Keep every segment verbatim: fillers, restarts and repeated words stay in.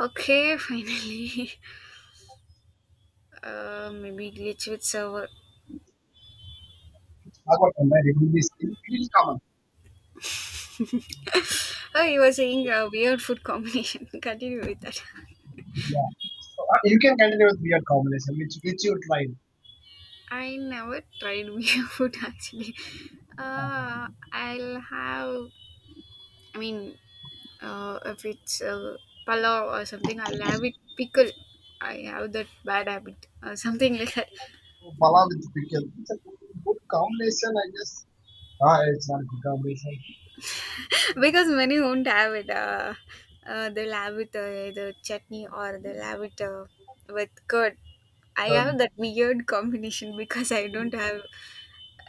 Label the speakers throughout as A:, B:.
A: Okay, finally. Uh, maybe glitch with server.
B: I got married in this in common.
A: Oh, you were saying a weird food combination. Continue with that.
B: Yeah. So, uh, you can continue with weird combination, which which you tried.
A: I never tried weird food actually. Uh, I'll have. I mean, uh, if it's uh, palav or something, I'll have it pickle. I have that bad habit or something like that.
B: So Pala with pickle. It's a good combination, I guess. Ah, it's not a good combination.
A: Because many won't have it. Uh, uh, they'll have it uh, either chutney or they'll have it uh, with curd. I
B: So,
A: have that weird combination because I don't have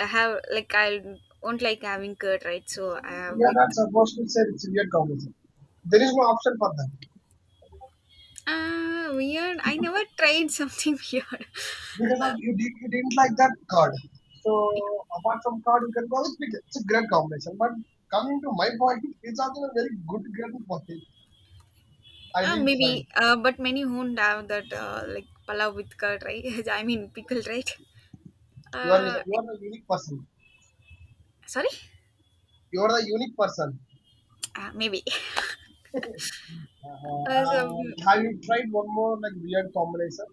A: I have like I won't like having curd, right? So I have
B: yeah,
A: with
B: that's supposed to say it's a weird combination. There is no option for that
A: ah weird. I never tried something weird.
B: because of, you, did, you didn't like that card. So apart from card, you can go with pickle. It's a great combination. But coming to my point, it's also a very good great point. I
A: Uh,
B: didn't try.
A: maybe, uh, but many won't have that uh, like palav with curd, right? I mean pickle, right?
B: You are
A: Uh,
B: you are a unique person.
A: Sorry,
B: You're the unique person.
A: uh, maybe.
B: Uh,
A: Uh, so
B: and have you tried one more like weird combination?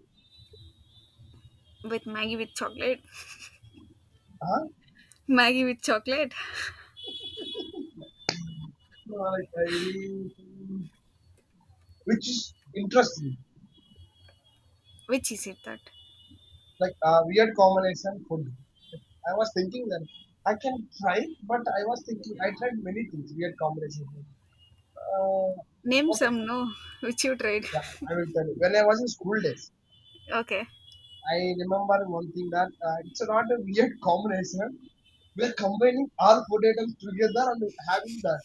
A: with Maggie with chocolate.
B: Uh-huh.
A: Maggie with chocolate?
B: No, like uh, any which is interesting,
A: Which is it that?
B: like uh, weird combination food. I was thinking that I can try, but I was thinking I tried many things weird combinations. Uh,
A: Name
B: okay,
A: some, no? Which you tried?
B: yeah, I will tell you. When I was in school days,
A: Okay.
B: I remember one thing that uh, it's not a weird combination. We are combining all food items together and having that.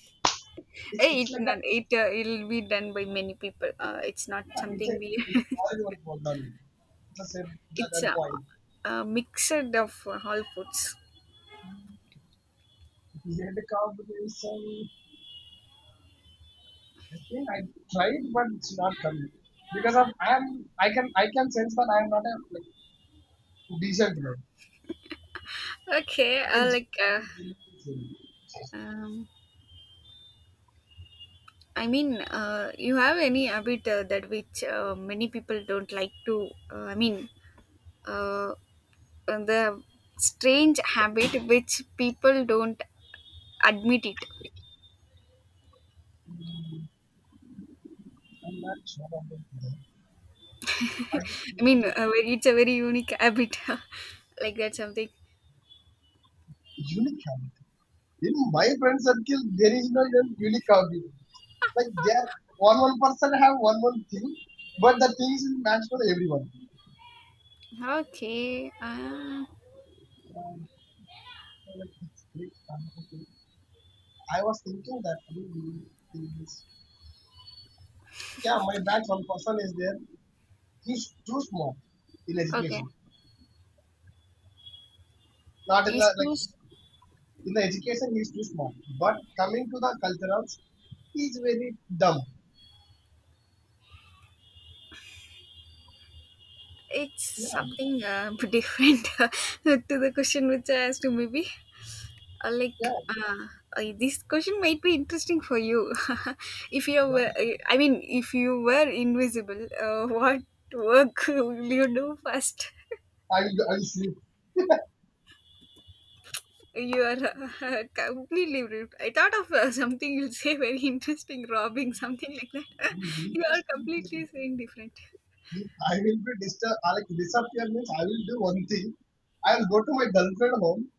B: It's
A: Eh,
B: it's
A: it
B: like a
A: not- it uh, it'll be done by many people. Uh, it's not
B: yeah, it's a
A: something we.
B: it's all one for them. It's the same at
A: It's
B: that
A: a,
B: point.
A: a mixer of uh, all foods.
B: We had a conversation. I think I tried, but it's not coming because of I am I can I can sense that I am not a like decent player.
A: Okay.
B: I can
A: Uh, like.
B: I
A: Uh,
B: can genuinely say it.
A: um, I mean, uh, you have any habit uh, that which uh, many people don't like to? Uh, I mean, uh, the strange habit which people don't admit it.
B: I'm not sure about that. I think you
A: I
B: know
A: mean,
B: the
A: uh, very- it's a very unique habit. Like that's something.
B: unique habit. In my friend circle, there is no even unique habit. Like they are one one person have one one thing, but the things is match for everyone.
A: Okay. Uh,
B: Um, Well, it's great, man. Okay. I was thinking that we will do this. Yeah, my background person is there. He's too small in
A: okay.
B: education. Not in
A: These
B: the
A: two,
B: like
A: s-
B: in the education he's too small. But coming to the culturals, he's very dumb.
A: it's
B: Yeah,
A: something uh, different to the question which I asked you, maybe. Uh, like,
B: yeah,
A: uh, uh, this question might be interesting for you. If you
B: yeah.
A: were, I mean, if you were invisible, uh, what work will you do first?
B: I will I will sleep.
A: You are completely rude. I thought of uh, something you'll say very interesting, robbing, something like that.
B: Oh,
A: You are
B: interesting
A: completely
B: thing.
A: saying different.
B: If I will be disturb. Like disappear means I will do one thing. I will go to my girlfriend home.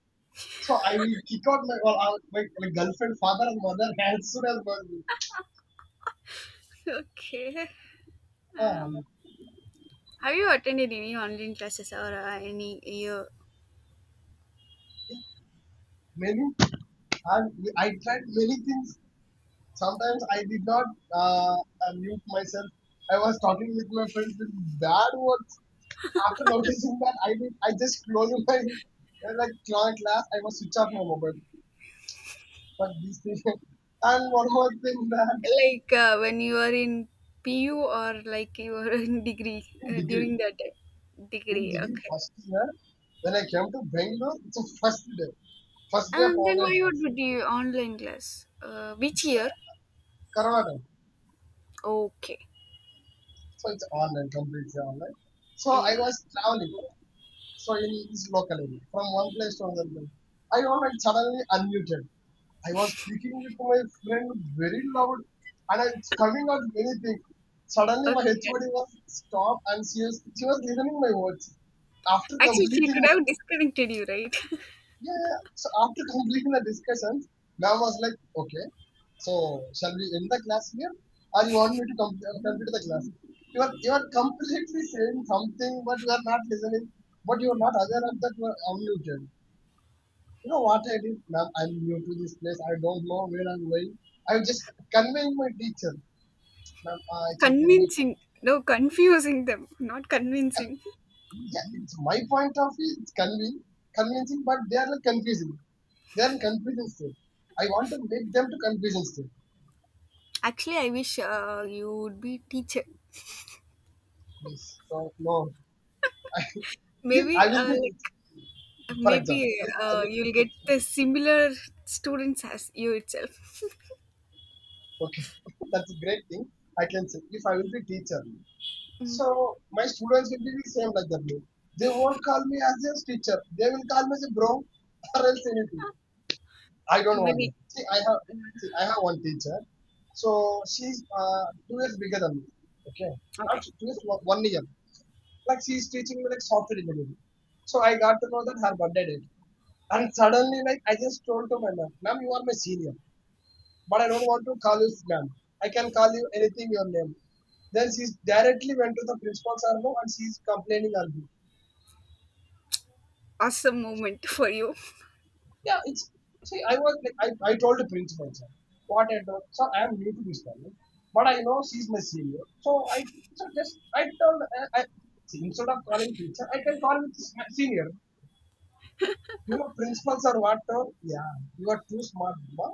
B: So I will kick out my, well, out my my girlfriend, father, and mother as soon as possible.
A: Okay.
B: Uh,
A: Um, have you attended any online classes or uh, any you
B: many, and I tried many things. Sometimes I did not uh, uh, mute myself. I was talking with my friends with bad words. After noticing that, I did. I just closed my uh, like cla- class. I was switch off my mobile. But this thing, and one more thing that
A: like uh, when you are in P U or like you are in degree uh,
B: degree.
A: during that time?
B: In
A: Degree?
B: degree
A: Okay.
B: first year, when I came to Bangalore, it's the first day, first day of
A: And then
B: online
A: why would
B: class.
A: you do online class? Uh, which
B: It's
A: year?
B: Corona time,
A: Okay.
B: so it's online, completely online. So I
A: Yeah.
B: was traveling, so in this local area, from one place to another place. I was like suddenly unmuted. I was speaking with my friend very loud, and I- it's coming out many things. Suddenly, my
A: Okay.
B: H O D was stopped, and she was she was listening my words. After
A: Actually, she
B: completing
A: could
B: my
A: have disconnected you, right?
B: yeah, yeah, yeah. So after completing the discussions, ma'am was like, okay, so shall we end the class here? Or you want me to complete, uh, complete the class? You are, you are completely saying something, but you are not listening, but you are not aware of that you are unmuted. You know what I did, ma'am? I'm new to this place. I don't know where I'm going. I just conveying my teacher, ma'am, ah, it's okay. Leave.
A: Convincing. No, confusing them, not convincing.
B: Yeah, it's my point of view. It's convincing, convincing, but they are like confusing. They are in confusion state. I want to make them to confusion state.
A: Actually, I wish uh, you would be teacher.
B: Please, no, no. I, if I
A: Maybe
B: will
A: uh,
B: be,
A: like
B: teach- for example,
A: maybe
B: if I
A: uh, You'll
B: will be
A: get
B: teacher,
A: the similar students as you itself.
B: okay, that's a great thing. I can say if I will be teacher,
A: Mm,
B: so my students will be the same like that. They won't call me as their teacher. They will call me as a bro or else anything. I don't want that.
A: maybe
B: See, I have see, I have one teacher. So she's uh, two years bigger than me. Okay, not
A: okay.
B: two years, one one year. Like she's teaching me like software engineering. So I got to know that her birthday date. And suddenly, like I just told to my ma'am, ma'am, you are my senior, but I don't want to call you ma'am. I can call you anything your name. Then she directly went to the principal sir no, and she's complaining on me.
A: Awesome moment for you.
B: Yeah, it's see, I was like, I, I told the principal, sir, what I told, sir, I am new to this college, but I know she's my senior, so I so just I told, uh, I, see, instead of calling teacher, I can call with s- my senior. You know, principals are what? Told, yeah, you are too smart, Bhima.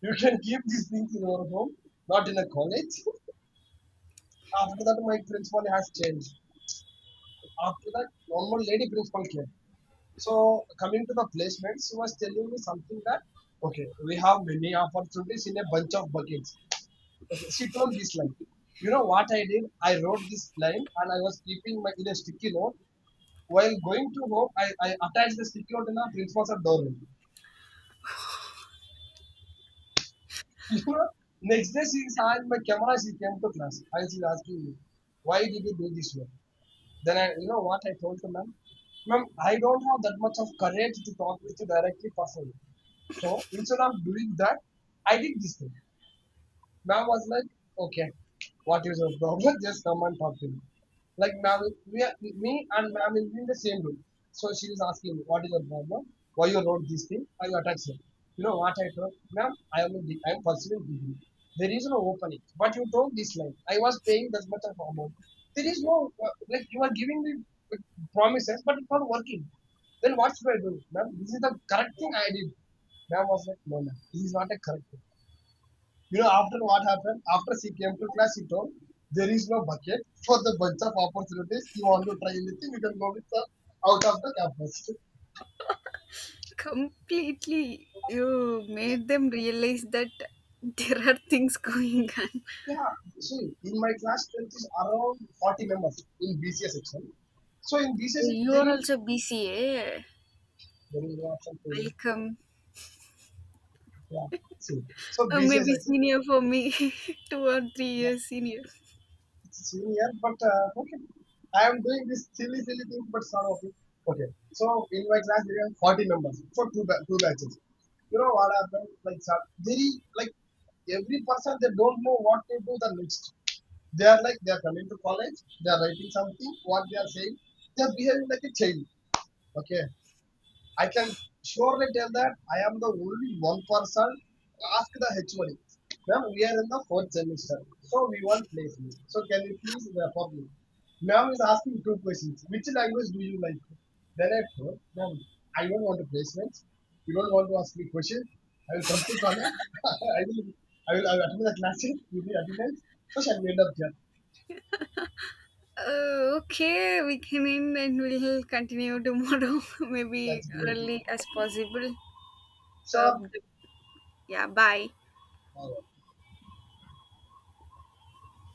B: You can keep these things in your home, not in a college. After that, my principal has changed. After that, normal lady principal came. So coming to the placements, he was telling me something that okay, we have many opportunities in a bunch of buckets. Okay, she told this line. You know what I did? I wrote this line and I was keeping my in a sticky note. While going to home, I, I attached the sticky note in the principal's door. You know, next day she saw in my camera, she came to class I she's asking me, why did you do this work? Then I, you know what I told to ma'am? Ma'am, I don't have that much of courage to talk with you directly personally. So instead of doing that, I did this thing. Ma'am was like, okay, what is your problem? Just come and talk to me. Like ma'am, we are, me and ma'am is in the same room. So she is asking me, what is your problem? Why you wrote this thing? Why you attack him? You know what I told? Ma'am, I am, a I am pursuing degree. There is no opening. But you told this line. I was paying that much of amount. There is no, uh, like you are giving me uh, promises, but it's not working. Then what should I do? Ma'am, this is the correct thing I did. Ma'am was like, no, ma'am, this is not a correct thing. You know, after what happened, after she came to class, she told, there is no bucket for the bunch of opportunities. You want to try anything, you can go with the out of the campus.
A: Completely, you made them realize that there are things going on.
B: Yeah, see, in my class, strength is around forty members in B C A section. So in B C A section,
A: You
B: there
A: are
B: is,
A: also B C A.
B: there is no option for you.
A: Welcome.
B: Yeah, see. So
A: Uh,
B: B C A
A: maybe
B: section,
A: senior for me, two or three
B: yeah,
A: years senior.
B: it's senior, but uh, okay. I am doing this silly, silly thing, but some of it. Okay. So in my class, there are forty members for two, two batches. You know what happened? Like, very, like, every person, they don't know what to do the next. They are like, they are coming to college, they are writing something, what they are saying, they are behaving like a child. Okay. I can surely tell that I am the only one person ask the H O D. Ma'am, we are in the fourth semester, so we want placement. So can you please refer me? Ma'am is asking two questions. Which language do you like? Then I told, ma'am, I don't want a placement. You don't want to ask me questions. I will come to college. I will, I will, I will attend the classes. You will attendance. So shall we end up here?
A: Uh, okay, we can end and we'll continue tomorrow,
B: That's
A: maybe
B: great.
A: early as possible. Uh,
B: Sure.
A: yeah, bye.